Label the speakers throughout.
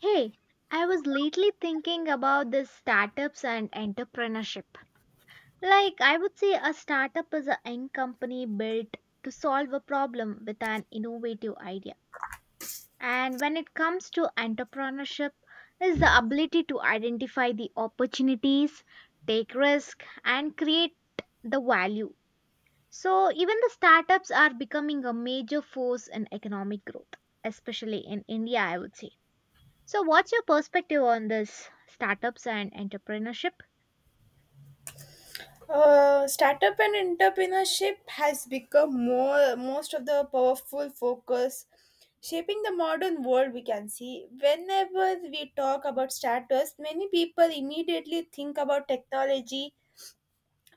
Speaker 1: Hey, I was lately thinking about these startups and entrepreneurship. Like, I would say a startup is a young company built to solve a problem with an innovative idea. And when it comes to entrepreneurship, is the ability to identify the opportunities, take risk, and create the value. So even the startups are becoming a major force in economic growth, especially in India, I would say. So, what's your perspective on this startups and entrepreneurship?
Speaker 2: Startup and entrepreneurship has become more most of the powerful focus shaping the modern world, we can see. Whenever we talk about startups, many people immediately think about technology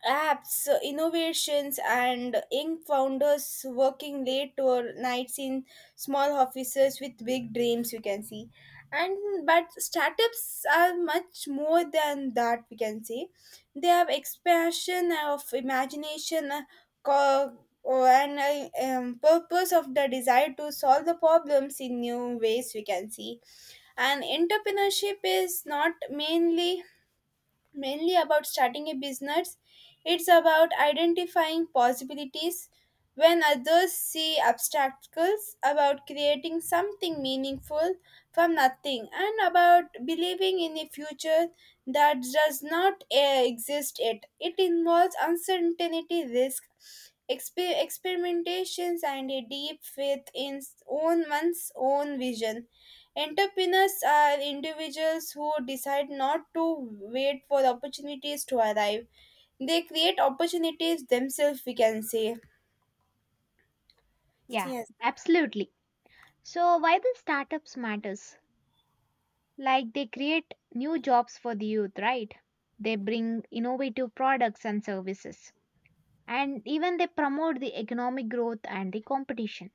Speaker 2: apps, innovations, and young founders working late or nights in small offices with big dreams. We can see, and but startups are much more than that. We can say they have expansion of imagination, and purpose of the desire to solve the problems in new ways. We can see, and entrepreneurship is not mainly about starting a business. It's about identifying possibilities when others see obstacles, about creating something meaningful from nothing, and about believing in a future that does not exist yet. It involves uncertainty, risk, experimentations, and a deep faith in s- own one's own vision. Entrepreneurs are individuals who decide not to wait for opportunities to arrive. They create opportunities themselves, we can say.
Speaker 1: Yeah,
Speaker 2: Yes.
Speaker 1: absolutely. So, why the startups matters? Like they create new jobs for the youth, right? They bring innovative products and services. And even they promote the economic growth and the competition.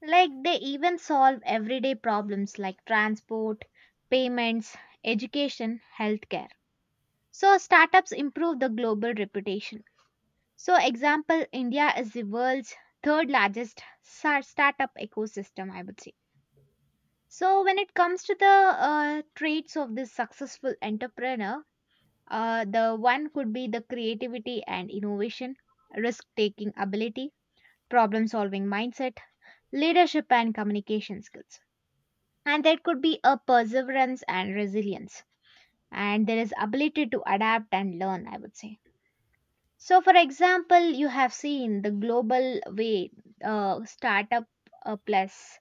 Speaker 1: Like they even solve everyday problems like transport, payments, education, healthcare. So startups improve the global reputation. So, example, India is the world's third largest startup ecosystem, I would say. So, when it comes to the traits of this successful entrepreneur, the one could be the creativity and innovation, risk taking ability, problem solving mindset, leadership and communication skills. And there could be a perseverance and resilience. And there is ability to adapt and learn, I would say. So, for example, you have seen the global way startup plus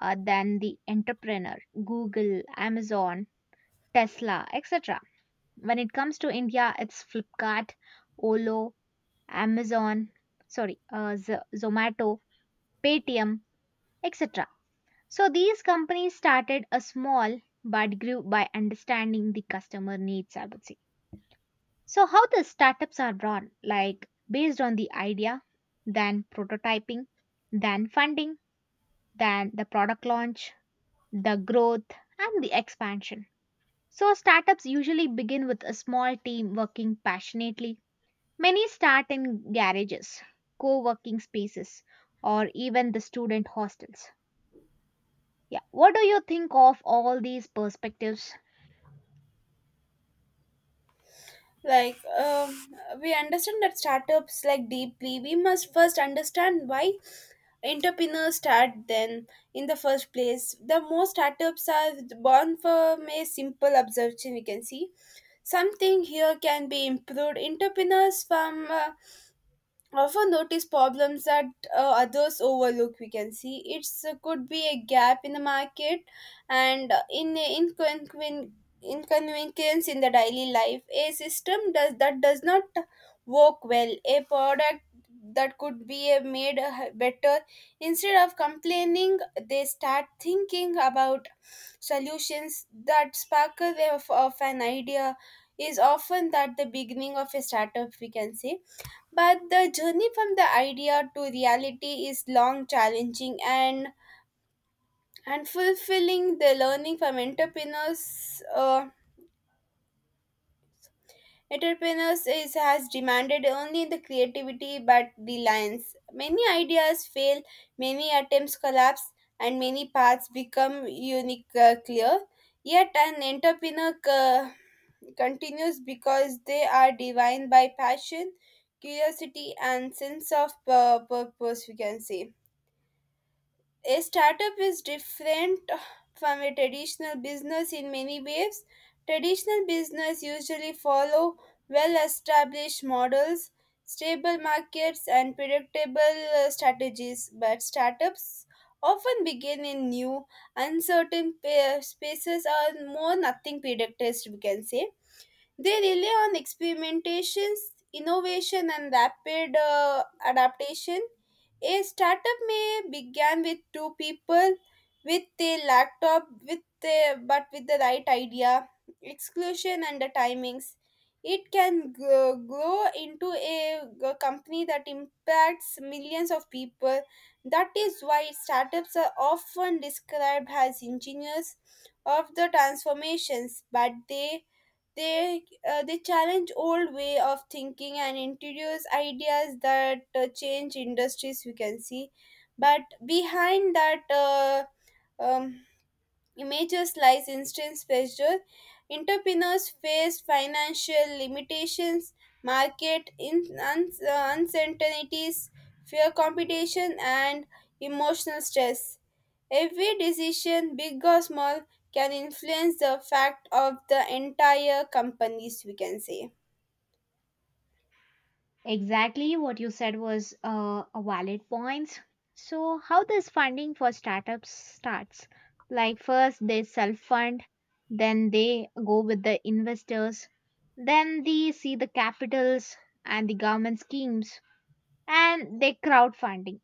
Speaker 1: than the entrepreneur, Google, Amazon, Tesla, etc. When it comes to India, it's Flipkart, Olo, Amazon, sorry, Zomato, Paytm, etc. So, these companies started a small but grew by understanding the customer needs, I would say. So, how the startups are run, like based on the idea, then prototyping, then funding, then the product launch, the growth, and the expansion. So, startups usually begin with a small team working passionately. Many start in garages, co working spaces, or even the student hostels. Yeah, what do you think of all these perspectives?
Speaker 2: Like, we understand that startups like deeply. We must first understand why entrepreneurs start then in the first place. The most startups are born from a simple observation, we can see. Something here can be improved. Entrepreneurs from often notice problems that others overlook, we can see. It's could be a gap in the market and in inconvenience in the daily life, a system does that does not work well, a product that could be made better. Instead of complaining, they start thinking about solutions that sparkle of an idea is often that the beginning of a startup, we can say. But the journey from the idea to reality is long, challenging, and fulfilling. The learning from entrepreneurs is has demanded only the creativity but reliance. Many ideas fail, many attempts collapse, and many paths become unique clear. Yet an entrepreneur continues because they are defined by passion, curiosity, and sense of purpose. We can say. A startup is different from a traditional business in many ways. Traditional business usually follow well-established models, stable markets, and predictable strategies, but startups often begin in new, uncertain spaces or more nothing predicted, we can say. They rely on experimentations, innovation, and rapid adaptation. A startup may begin with two people with a laptop, but with the right idea, exclusion, and the timings. It can grow into a company that impacts millions of people. That is why startups are often described as engineers of the transformations, but they they challenge old way of thinking and introduce ideas that change industries, we can see. But behind that um, images lies instant pressure. Entrepreneurs face financial limitations, market in uncertainties, fear competition and emotional stress. Every decision big or small can influence the fact of the entire companies, we can say.
Speaker 1: Exactly what you said was a valid point. So, how this funding for startups starts? Like, first they self fund, then they go with the investors, then they see the capitals and the government schemes, and they crowdfunding.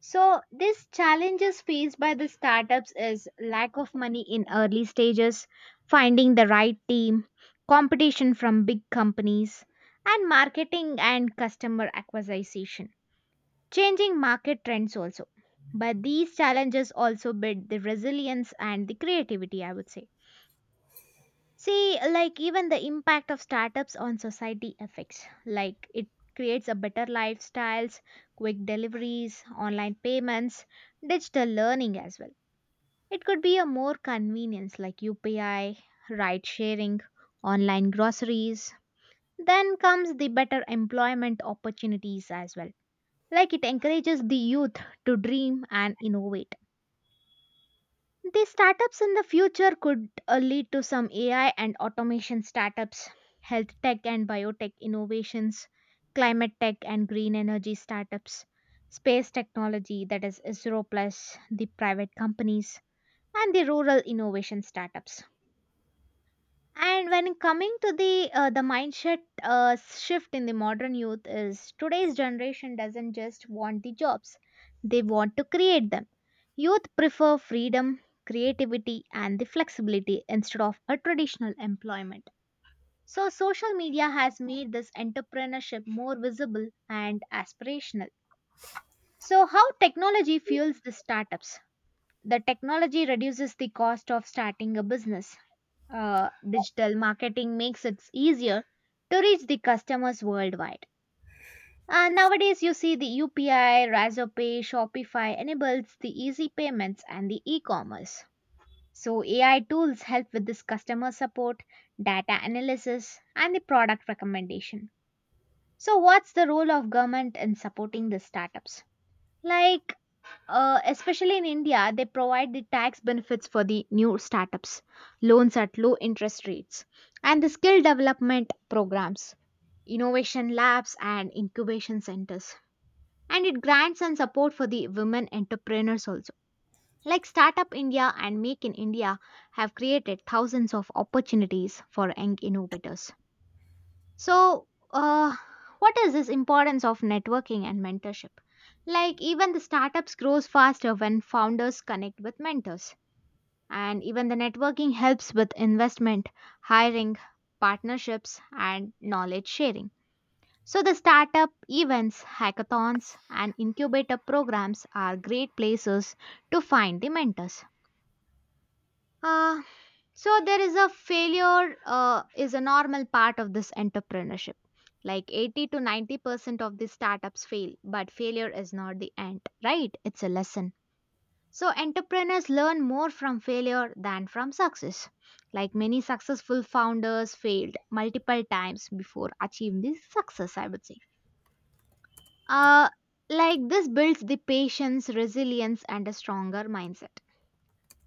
Speaker 1: So these challenges faced by the startups is lack of money in early stages, finding the right team, competition from big companies, and marketing and customer acquisition. Changing market trends also. But these challenges also build the resilience and the creativity, I would say. See, like even the impact of startups on society affects. Like it creates a better lifestyles, quick deliveries, online payments, digital learning as well. It could be a more convenience like UPI, ride sharing, online groceries. Then comes the better employment opportunities as well. Like it encourages the youth to dream and innovate the startups in the future could lead to some AI and automation startups, health tech and biotech innovations, climate tech and green energy startups, space technology that is ISRO plus the private companies, and the rural innovation startups. And when coming to the mindset shift in the modern youth is today's generation doesn't just want the jobs, they want to create them. Youth prefer freedom, creativity, and the flexibility instead of a traditional employment. So social media has made this entrepreneurship more visible and aspirational. So how technology fuels the startups? The technology reduces the cost of starting a business. Digital marketing makes it easier to reach the customers worldwide. And nowadays, you see the UPI, Razorpay, Shopify enables the easy payments and the e-commerce. So AI tools help with this customer support, data analysis, and the product recommendation. So what's the role of government in supporting the startups? Like especially in India, they provide the tax benefits for the new startups, loans at low interest rates, and the skill development programs, innovation labs, and incubation centers. And it grants and support for the women entrepreneurs also. Like Startup India and Make in India have created thousands of opportunities for young innovators. So, uh, what is this importance of networking and mentorship? Like even the startups grows faster when founders connect with mentors, and even the networking helps with investment, hiring, partnerships, and knowledge sharing. So the startup events, hackathons, and incubator programs are great places to find the mentors. Uh, so there is a failure is a normal part of this entrepreneurship. Like 80 to 90% of the startups fail, but failure is not the end, right? It's a lesson. So entrepreneurs learn more from failure than from success. Like many successful founders failed multiple times before achieving the success, I would say. Uh, like this builds the patience, resilience, and a stronger mindset.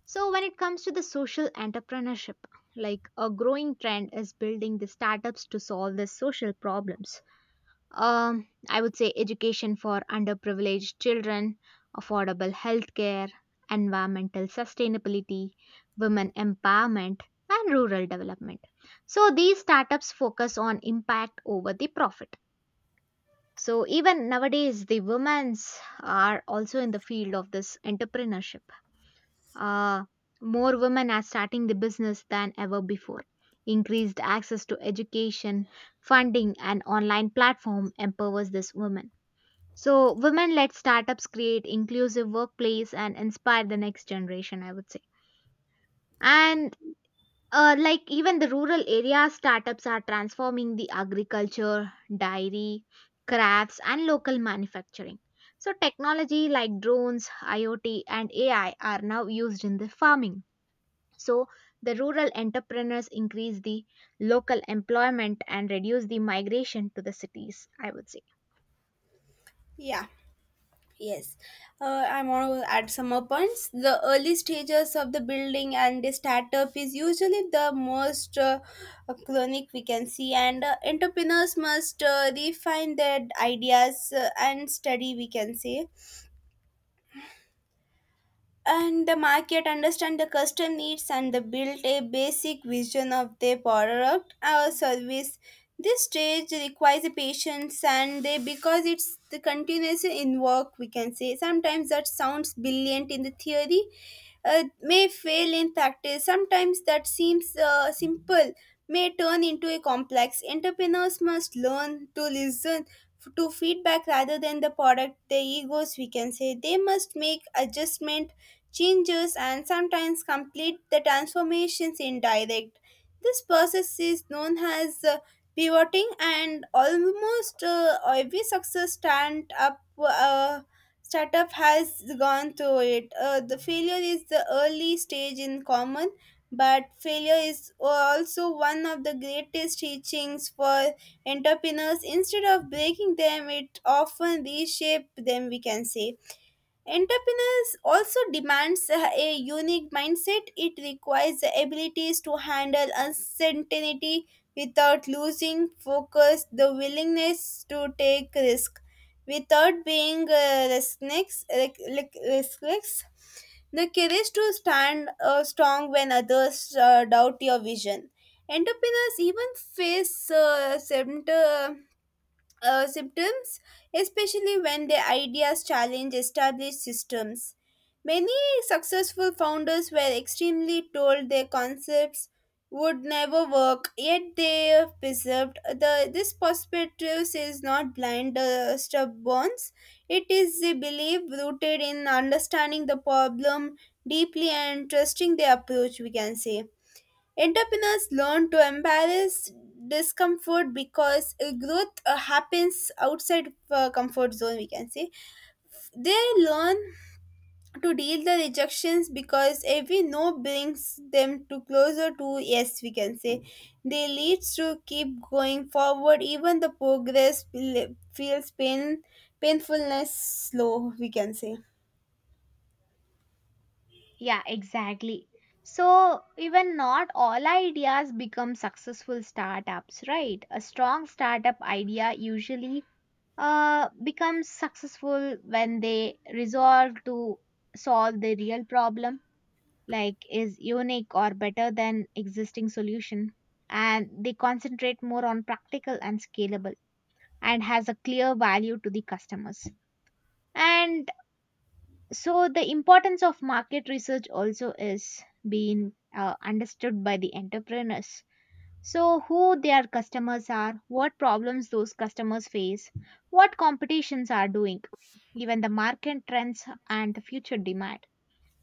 Speaker 1: So, when it comes to the social entrepreneurship, like a growing trend is building the startups to solve the social problems. I would say education for underprivileged children, affordable healthcare, environmental sustainability, women empowerment, and rural development. So, these startups focus on impact over the profit. So, even nowadays, the women's are also in the field of this entrepreneurship. uh, More women are starting the business than ever before. Increased access to education, funding, and online platform empowers this women. So, women-led startups create inclusive workplace and inspire the next generation. I would say, and like even the rural area startups are transforming the agriculture, dairy, crafts, and local manufacturing. So, technology like drones, IoT, and AI are now used in the farming, so the rural entrepreneurs increase the local employment and reduce the migration to the cities, I would say.
Speaker 2: Yeah, yes. I want to add some more points. The early stages of the building and the startup is usually the most chronic, we can see, and entrepreneurs must refine their ideas and study, we can say. And the market understand the customer needs and the build a basic vision of their product or service. This stage requires a patience and they because it's the continuous in work, we can say. Sometimes that sounds brilliant in the theory may fail in practice. Sometimes that seems simple may turn into a complex. Entrepreneurs must learn to listen to feedback rather than the product their egos, we can say. They must make adjustment changes and sometimes complete the transformations in direct. This process is known as pivoting, and almost every success stand up startup has gone through it. The failure is the early stage in common, but failure is also one of the greatest teachings for entrepreneurs. Instead of breaking them, it often reshapes them, we can say. Entrepreneurs also demands a unique mindset. It requires the abilities to handle uncertainty without losing focus, the willingness to take risk without being restless, restless, the courage to stand strong when others doubt your vision. Entrepreneurs even face symptoms, especially when their ideas challenge established systems. Many successful founders were extremely told their concepts would never work, yet they persevered. This perspective is not blind stubbornness; it is a belief rooted in understanding the problem deeply and trusting the approach. We can say. Entrepreneurs learn to embrace discomfort because growth happens outside comfort zone, we can say. They learn to deal the rejections because every no brings them to closer to yes, we can say. They leads to keep going forward even the progress feels pain painfulness slow, we can say.
Speaker 1: Yeah, exactly. So, even not all ideas become successful startups, right? A strong startup idea usually becomes successful when they resolve to solve the real problem, like is unique or better than existing solution, and they concentrate more on practical and scalable, and has a clear value to the customers. And so the importance of market research also is being understood by the entrepreneurs. So who their customers are, what problems those customers face, what competitions are doing, even the market trends and the future demand.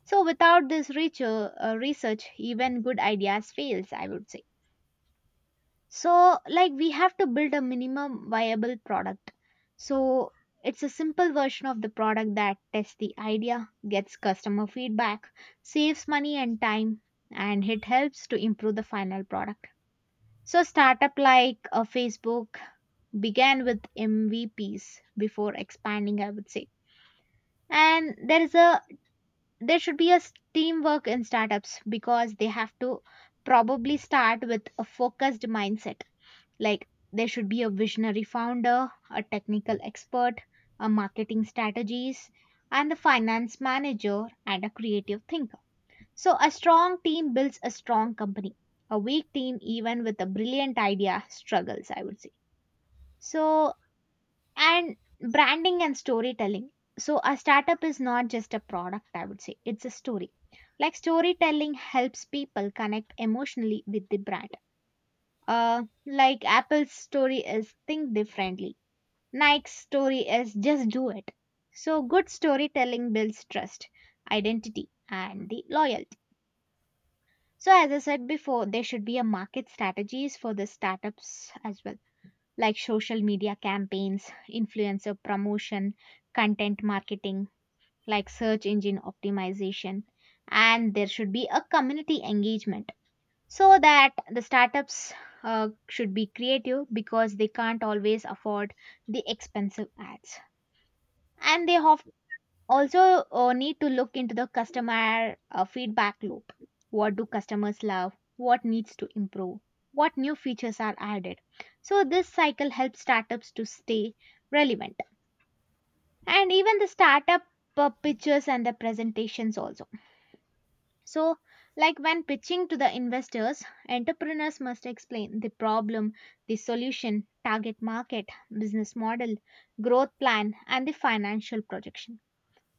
Speaker 1: So without this research, even good ideas fails, I would say. So, like, we have to build a minimum viable product. So, it's a simple version of the product that tests the idea, gets customer feedback, saves money and time, and it helps to improve the final product. So, startup like Facebook began with MVPs before expanding, I would say. And there is a there should be a teamwork in startups because they have to probably start with a focused mindset, like there should be a visionary founder, a technical expert, a marketing strategist, and the finance manager and a creative thinker. So a strong team builds a strong company. A weak team, even with a brilliant idea, struggles, I would say. So, and branding and storytelling. So, a startup is not just a product, I would say, it's a story. Like storytelling helps people connect emotionally with the brand. Like Apple's story is think differently. Nike's story is just do it. So good storytelling builds trust, identity, and the loyalty. So as I said before, there should be a market strategies for the startups as well, like social media campaigns, influencer promotion, content marketing, like search engine optimization, and there should be a community engagement, so that the startups should be creative because they can't always afford the expensive ads, and they have also need to look into the customer feedback loop. What do customers love, what needs to improve, what new features are added? So this cycle helps startups to stay relevant. And even the startup pitches and the presentations also. So, like when pitching to the investors, entrepreneurs must explain the problem, the solution, target market, business model, growth plan, and the financial projection.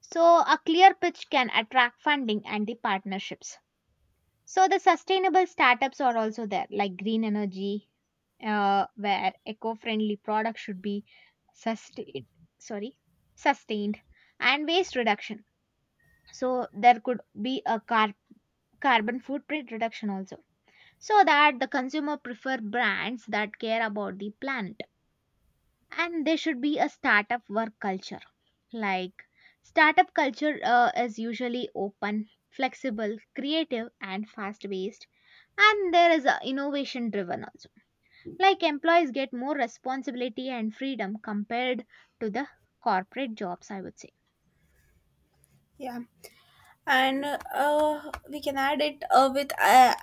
Speaker 1: So, a clear pitch can attract funding and the partnerships. So, the sustainable startups are also there, like green energy, where eco friendly products should be sustained. Sorry, sustained and waste reduction. So, there could be a carbon footprint reduction also, so that the consumer prefer brands that care about the planet. And there should be a startup work culture. Like startup culture is usually open, flexible, creative and fast paced, and there is a innovation driven also. Like employees get more responsibility and freedom compared to the corporate jobs, I would say.
Speaker 2: Yeah, and we can add it with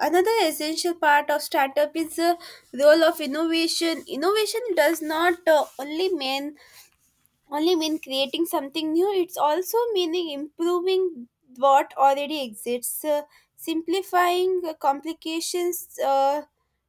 Speaker 2: another essential part of startup is the role of innovation. Innovation does not only mean creating something new, it's also meaning improving what already exists, simplifying complications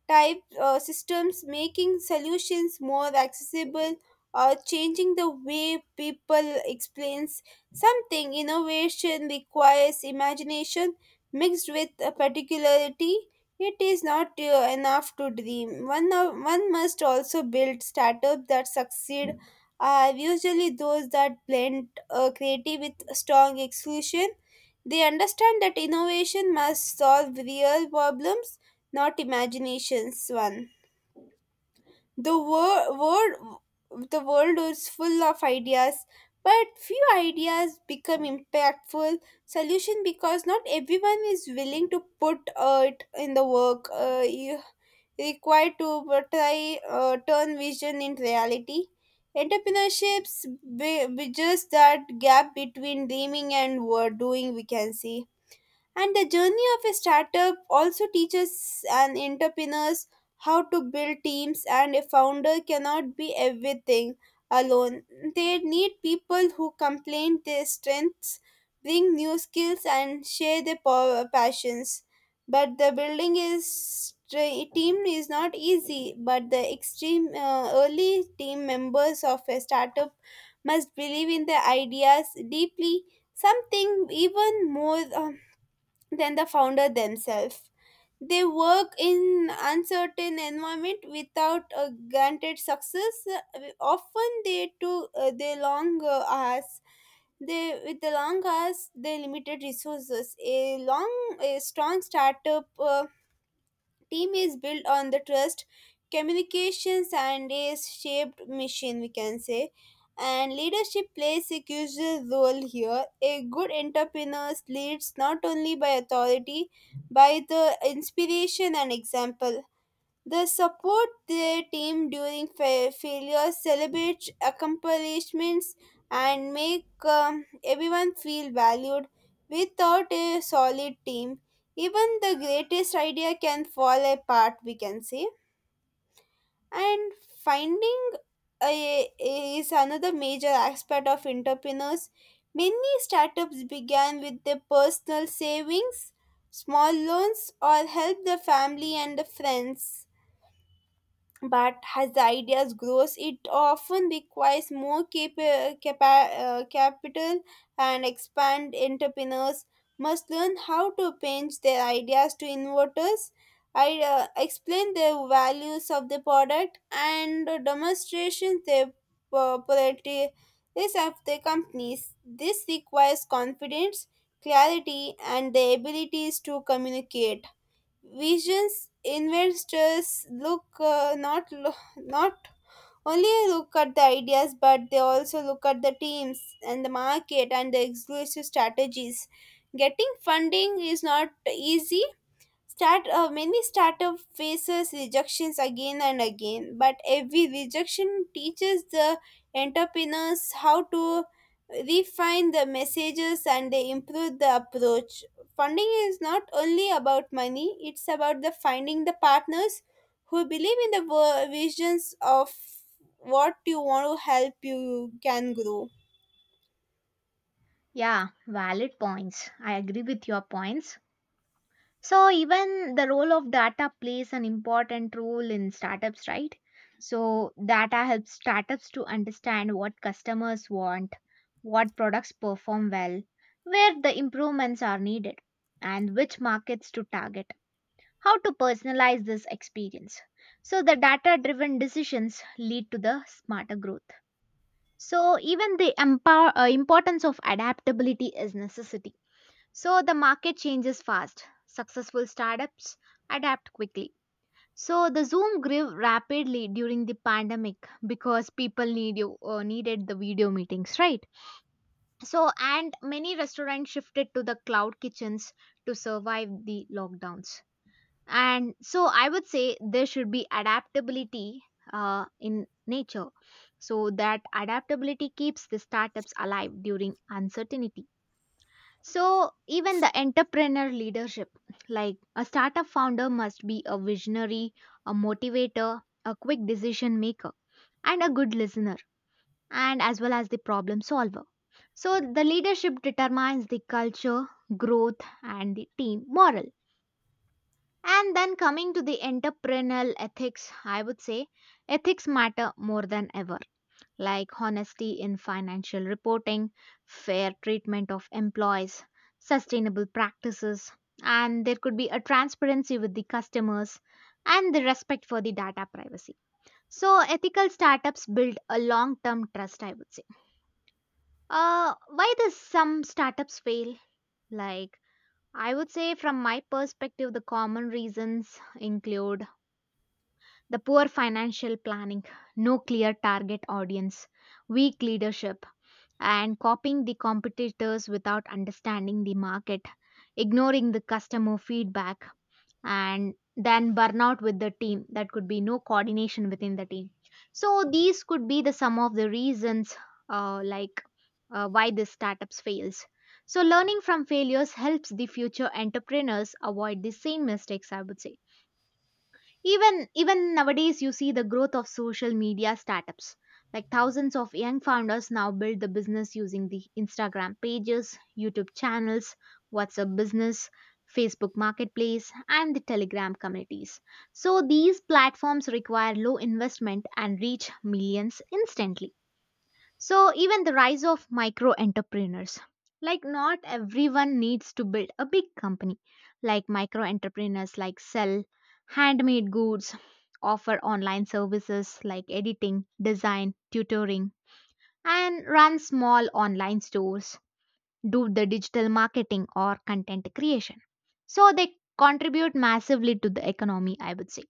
Speaker 2: type systems, making solutions more accessible or changing the way people explains something. Innovation requires imagination mixed with a particularity. It is not enough to dream one must also build. Startups that succeed are usually those that blend creative with strong exclusion. They understand that innovation must solve real problems, not imaginations one. The wor- world, the world is full of ideas, but few ideas become impactful solution because not everyone is willing to put it in the work you required to try turn vision into reality. Entrepreneurships bridges that gap between dreaming and doing. We can see. And the journey of a startup also teaches an entrepreneurs how to build teams and a founder cannot be everything alone. They need people who complain their strengths, bring new skills and share their passions. But the building is team is not easy, but the extreme early team members of a startup must believe in their ideas deeply something even more than the founder themselves. They work in uncertain environment without a guaranteed success. Often they long hours. They with the long hours, they limited resources. A strong startup team is built on the trust communications and is shaped mission, we can say. And leadership plays a crucial role here. A good entrepreneur leads not only by authority by the inspiration and example. They support their team during failures, celebrate accomplishments, and make everyone feel valued. Without a solid team, even the greatest idea can fall apart, we can say. And finding is another major aspect of entrepreneurs. Many startups began with their personal savings, small loans, or help the family and the friends, but as the ideas grows it often requires more capital and expand. Entrepreneurs must learn how to pitch their ideas to investors, I explain the values of the product and demonstration the properties of the companies. This requires confidence, clarity, and the abilities to communicate visions. Investors look, not only look at the ideas, but they also look at the teams and the market and the exclusive strategies. Getting funding is not easy. Start Many startup faces rejections again and again, but every rejection teaches the entrepreneurs how to refine the messages and they improve the approach. Funding is not only about money; it's about the finding the partners who believe in the visions of what you want to help you can grow.
Speaker 1: Yeah, valid points, I agree with your points. So even the role of data plays an important role in startups, right? So data helps startups to understand what customers want, what products perform well, where the improvements are needed, and which markets to target, how to personalize this experience. So the data driven decisions lead to the smarter growth. So even the importance of adaptability is necessity. So the market changes fast. Successful startups adapt quickly. So the Zoom grew rapidly during the pandemic because people needed the video meetings, right? So and many restaurants shifted to the cloud kitchens to survive the lockdowns. And so I would say there should be adaptability in nature, so that adaptability keeps the startups alive during uncertainty. So, even the entrepreneur leadership, like a startup founder must be a visionary, a motivator, a quick decision maker, and a good listener, and as well as the problem solver. So, the leadership determines the culture, growth, and the team moral. And then coming to the entrepreneurial ethics, I would say ethics matter more than ever, like honesty in financial reporting, fair treatment of employees, sustainable practices, and there could be a transparency with the customers and the respect for the data privacy. So, ethical startups build a long term trust, I would say. Why does some startups fail? Like, I would say, from my perspective, the common reasons include the poor financial planning, no clear target audience, weak leadership, and copying the competitors without understanding the market, ignoring the customer feedback, and then burnout with the team. That could be no coordination within the team. So these could be the some of the reasons, uh, like why this startups fails. So learning from failures helps the future entrepreneurs avoid the same mistakes, I would say. Even nowadays you see the growth of social media startups. Like thousands of young founders now build the business using the Instagram pages, YouTube channels, WhatsApp business, Facebook marketplace and the Telegram communities. So these platforms require low investment and reach millions instantly. So, even the rise of micro entrepreneurs. Like, not everyone needs to build a big company. Like, micro entrepreneurs like sell handmade goods, offer online services like editing, design, tutoring, and run small online stores, do the digital marketing or content creation. So, they contribute massively to the economy, I would say.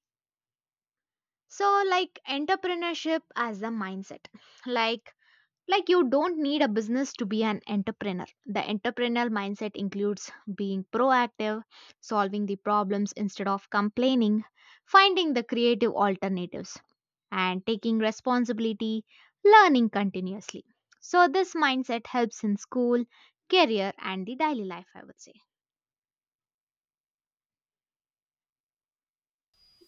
Speaker 1: So, like entrepreneurship as a mindset. Like, like, you don't need a business to be an entrepreneur. The entrepreneurial mindset includes being proactive, solving the problems instead of complaining, finding the creative alternatives, and taking responsibility, learning continuously. So, this mindset helps in school, career, and the daily life, I would say.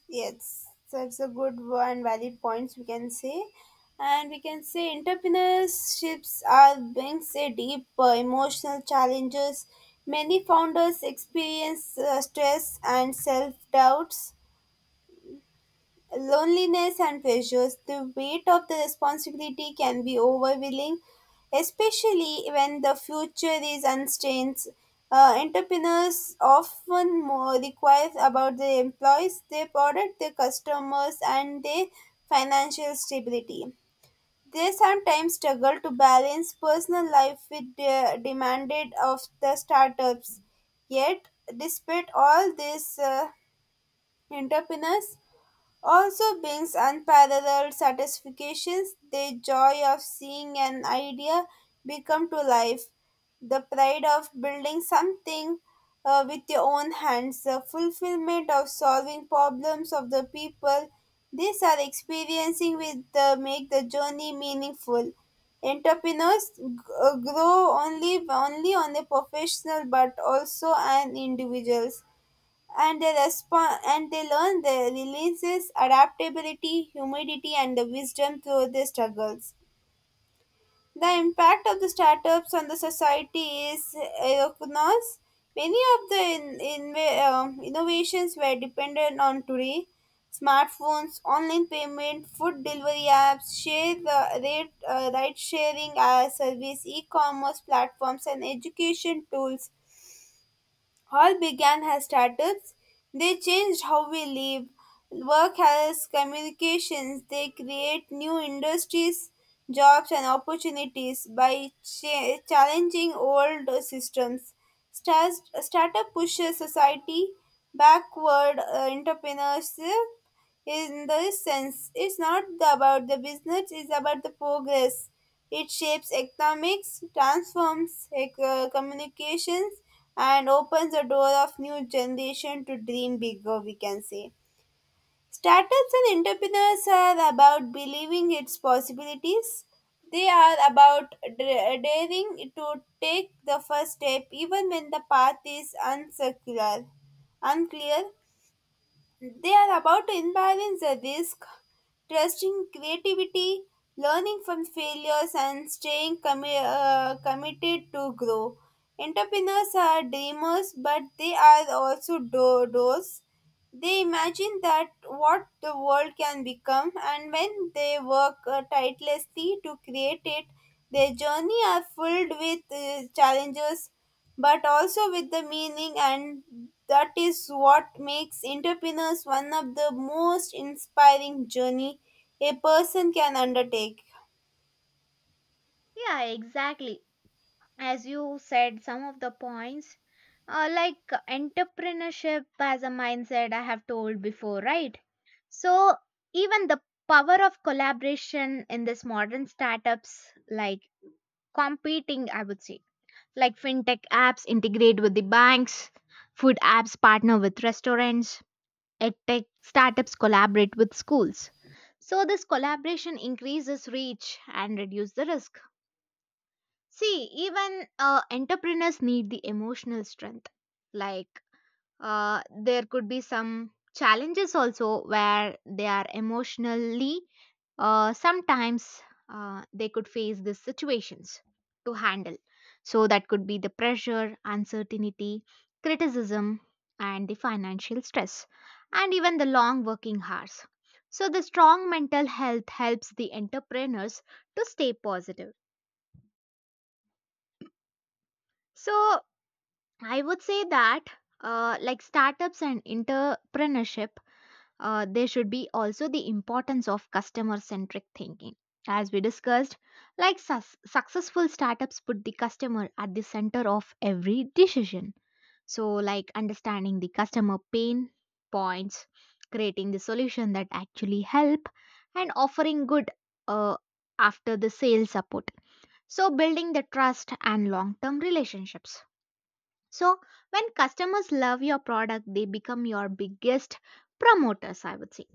Speaker 2: Yes, that's a good one, valid points we can say. And we can say entrepreneurships are brings a deep emotional challenges. Many founders experience stress and self doubts loneliness and pressures, the weight of the responsibility can be overwhelming, especially when the future is uncertain. Entrepreneurs often more require about their employees, their product, their customers, and their financial stability. They sometimes struggle to balance personal life with the demanded of the startups. Yet, despite all this, entrepreneurs also brings unparalleled satisfactions, the joy of seeing an idea become to life, the pride of building something with your own hands, the fulfillment of solving problems of the people. These are experiencing with the make the journey meaningful. Entrepreneurs grow only on a professional but also an individuals, and they respond and they learn the releases adaptability humidity and the wisdom through their struggles. The impact of the startups on the society is enormous. Many of the innovations were dependent on today smartphones online payment food delivery apps share the rate ride sharing service e-commerce platforms and education tools all began as startups. They changed how we live, work as communications. They create new industries, jobs, and opportunities by challenging old systems. Startup pushes society backward. Entrepreneurship, in this sense, it's not about the business, it's about the progress. It shapes economics, transforms communications, and opens the door of new generation to dream bigger, we can say. Startups and entrepreneurs are about believing its possibilities. They are about daring to take the first step even when the path is uncircular, unclear. They are about to imbalance the risk, trusting creativity, learning from failures, and staying committed to grow. Entrepreneurs are dreamers, but they are also doers. They imagine that what the world can become, and when they work tirelessly to create it, their journey are filled with challenges but also with the meaning, and that is what makes entrepreneurs one of the most inspiring journey a person can undertake.
Speaker 1: Yeah, exactly. As you said some of the points, like entrepreneurship as a mindset, I have told before, right? So even the power of collaboration in this modern startups, like competing, I would say, like fintech apps integrate with the banks, food apps partner with restaurants, edtech startups collaborate with schools. So this collaboration increases reach and reduce the risk. See, even entrepreneurs need the emotional strength. Like, there could be some challenges also where they are emotionally, sometimes they could face these situations to handle. So, that could be the pressure, uncertainty, criticism, and the financial stress, and even the long working hours. So, the strong mental health helps the entrepreneurs to stay positive. So, I would say that, like startups and entrepreneurship, there should be also the importance of customer centric thinking. As we discussed, like successful startups put the customer at the center of every decision. So, like understanding the customer pain points, creating the solution that actually help, and offering good uh, after the sales support. So, building the trust and long term relationships, so when customers love your product, they become your biggest promoters, I would say.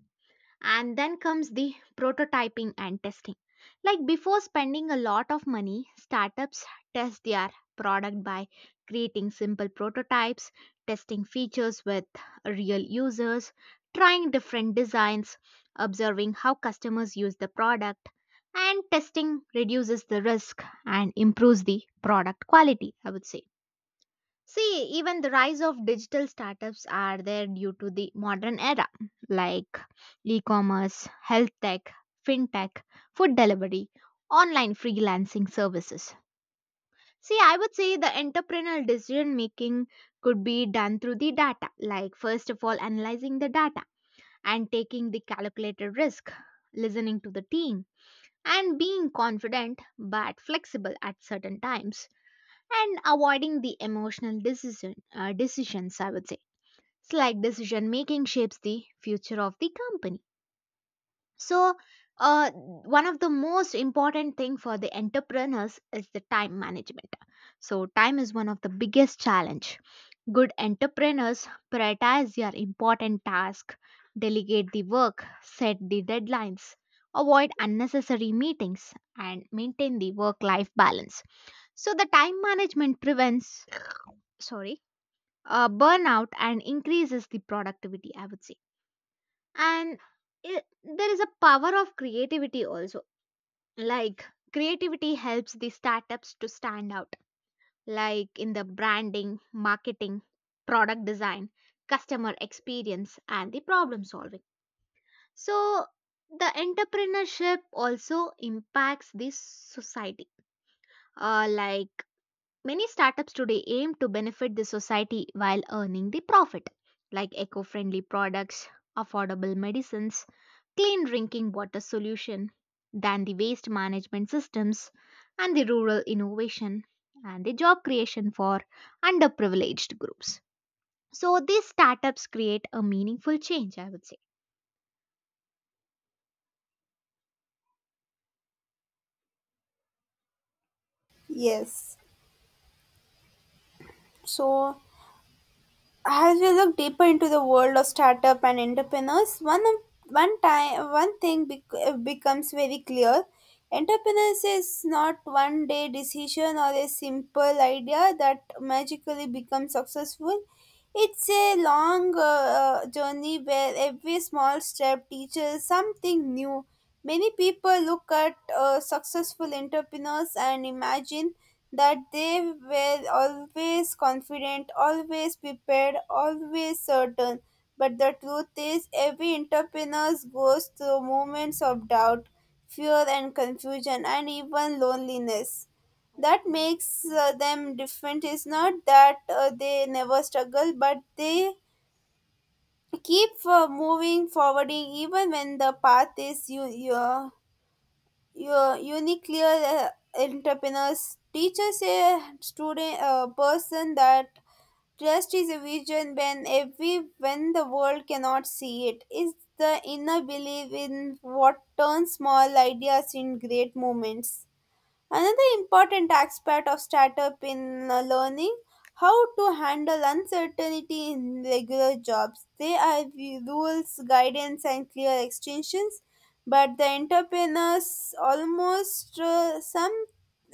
Speaker 1: And then comes the prototyping and testing. Like before spending a lot of money, startups test their product by creating simple prototypes, testing features with real users, trying different designs, observing how customers use the product, and testing reduces the risk and improves the product quality, I would say. See, even the rise of digital startups are there due to the modern era, like e commerce, health tech, fintech, food delivery, online freelancing services. See, I would say the entrepreneurial decision making could be done through the data, like first of all, analyzing the data and taking the calculated risk, listening to the team, and being confident but flexible at certain times, and avoiding the emotional decisions, I would say. It's like decision making shapes the future of the company. So one of the most important thing for the entrepreneurs is the time management. So time is one of the biggest challenge. Good entrepreneurs prioritize their important task, delegate the work, set the deadlines, avoid unnecessary meetings, and maintain the work life balance. So the time management prevents, sorry, burnout and increases the productivity, I would say. And there is a power of creativity also. Like, creativity helps the startups to stand out, like in the branding, marketing, product design, customer experience, and the problem solving. So, the entrepreneurship also impacts the society. Like many startups today aim to benefit the society while earning the profit, like eco friendly products, affordable medicines, clean drinking water solution, than the waste management systems, and the rural innovation, and the job creation for underprivileged groups. So, these startups create a meaningful change, I would say.
Speaker 2: Yes. So as we look deeper into the world of startup and entrepreneurs, one of, one time one thing becomes very clear. Entrepreneurs is not one day decision or a simple idea that magically becomes successful. It's a long journey where every small step teaches something new. Many people look at successful entrepreneurs and imagine that they were always confident, always prepared, always certain. But the truth is, every entrepreneur goes through moments of doubt, fear, and confusion, and even loneliness. That makes them different is not that they never struggle, but they keep moving forward even when the path is you your uniquely entrepreneurs teachers, a student, a person that trust is a vision. When every, when the world cannot see it, is the inner belief in what turns small ideas in great moments. Another important aspect of startup in learning how to handle uncertainty in regular jobs. There are rules, guidance, and clear extensions, but the entrepreneurs almost some,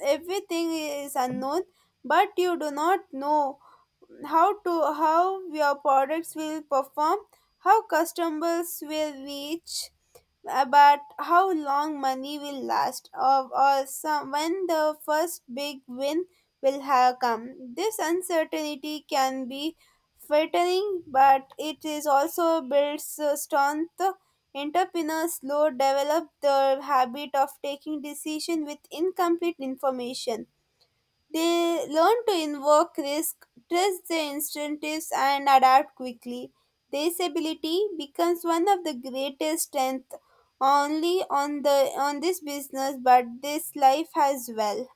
Speaker 2: everything is unknown, but you do not know how to, how your products will perform, how customers will reach about, how long money will last, or some, when the first big win will have come. This uncertainty can be frightening, but it is also builds strength. Entrepreneurs slow develop the habit of taking decision with incomplete information. They learn to invoke risk, trust their instincts, and adapt quickly. This ability becomes one of the greatest strengths only on the, on this business but this life as well.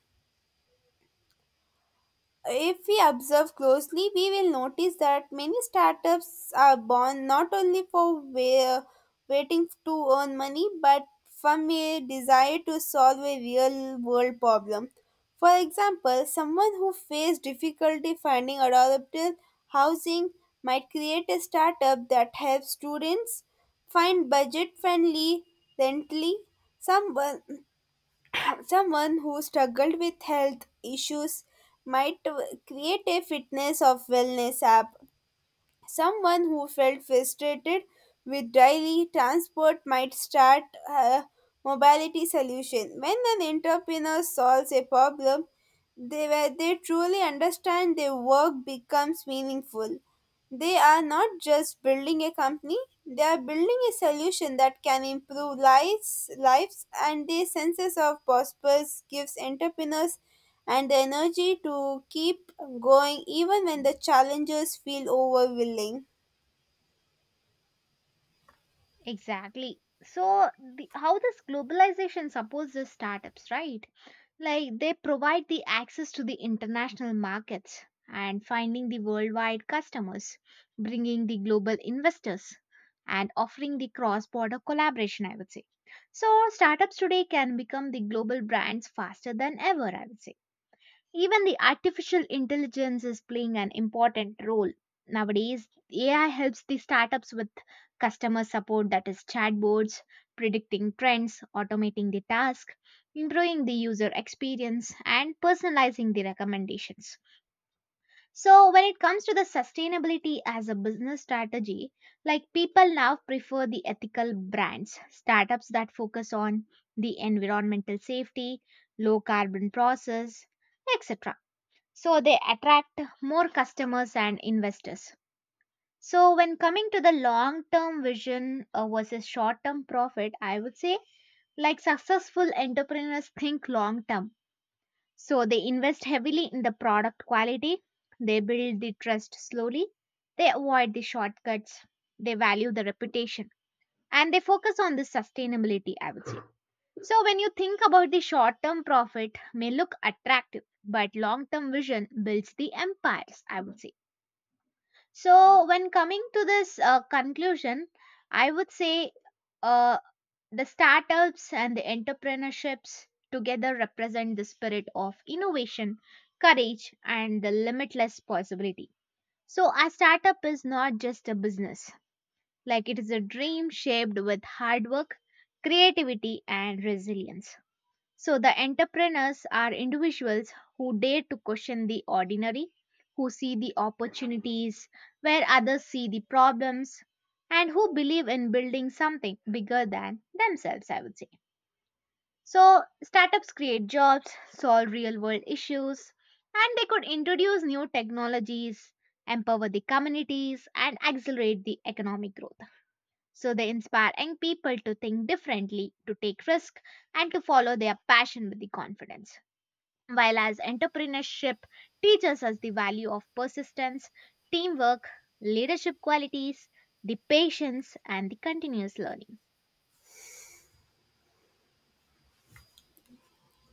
Speaker 2: If we observe closely, we will notice that many startups are born not only for waiting to earn money, but from a desire to solve a real world problem. For example, someone who faced difficulty finding adaptable housing might create a startup that helps students find budget friendly rental. Someone Someone who struggled with health issues might create a fitness of wellness app. Someone who felt frustrated with daily transport might start a mobility solution. When an entrepreneur solves a problem, they, where they truly understand, their work becomes meaningful. They are not just building a company, they are building a solution that can improve lives, lives, and the senses of purpose gives entrepreneurs and the energy to keep going even when the challenges feel overwhelming.
Speaker 1: Exactly. So, the, how this globalization supports the startups, right? Like they provide the access to the international markets and finding the worldwide customers, bringing the global investors and offering the cross-border collaboration, I would say. So startups today can become the global brands faster than ever, I would say. Even the artificial intelligence is playing an important role. Nowadays, AI helps the startups with customer support, that is chatbots, predicting trends, automating the task, improving the user experience and personalizing the recommendations. So when it comes to the sustainability as a business strategy, like people now prefer the ethical brands, startups that focus on the environmental safety, low carbon process, etc., so they attract more customers and investors. So when coming to the long term vision versus short term profit, I would say, like successful entrepreneurs think long term, so they invest heavily in the product quality, they build the trust slowly, they avoid the shortcuts, they value the reputation, and they focus on the sustainability, I would say. So when you think about the short term profit may look attractive, but long term vision builds the empires, I would say. So, when coming to this conclusion, I would say, uh, the startups and the entrepreneurships together represent the spirit of innovation, courage, and the limitless possibility. So, a startup is not just a business, like, it is a dream shaped with hard work, creativity, and resilience. So the entrepreneurs are individuals who dare to question the ordinary, who see the opportunities where others see the problems, and who believe in building something bigger than themselves, I would say. So startups create jobs, solve real world issues, and they could introduce new technologies, empower the communities, and accelerate the economic growth. So they inspire young people to think differently, to take risk, and to follow their passion with the confidence. While as entrepreneurship teaches us the value of persistence, teamwork, leadership qualities, the patience, and the continuous learning.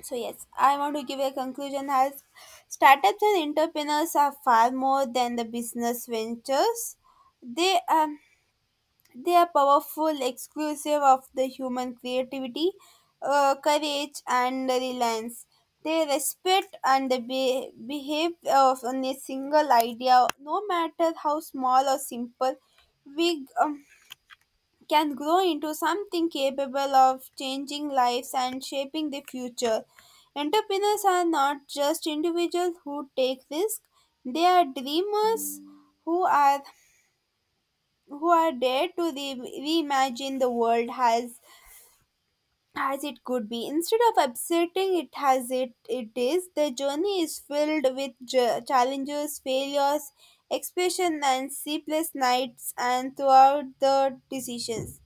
Speaker 2: So yes, I want to give a conclusion as startups and entrepreneurs are far more than the business ventures. They um They are powerful, exclusive of the human creativity, courage, and reliance. They respect and they behave of on a single idea, no matter how small or simple. We can grow into something capable of changing lives and shaping the future. Entrepreneurs are not just individuals who take risks, they are dreamers who are who are there to reimagine the world as it could be instead of upsetting it as it it is. The journey is filled with challenges, failures, expression, and sleepless nights, and throughout the decisions,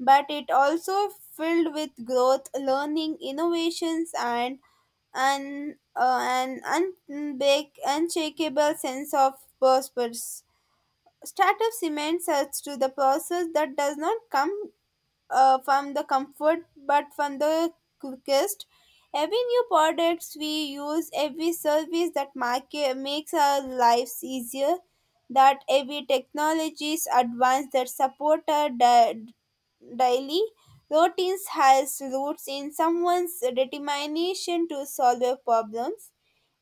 Speaker 2: but it also filled with growth, learning, innovations, and an unshakable sense of purpose. Startup cements us to the process that does not come from the comfort but from the quickest. Every new products we use, every service that market makes our lives easier, that every technologies advance that support our daily routines has roots in someone's determination to solve their problems.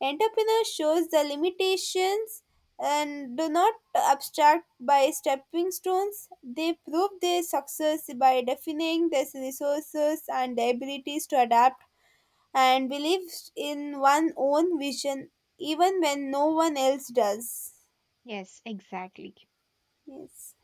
Speaker 2: Entrepreneur shows the limitations and do not abstract by stepping stones. They prove their success by defining their resources and their abilities to adapt and believe in one own vision even when no one else does.
Speaker 1: Yes, exactly.
Speaker 2: Yes.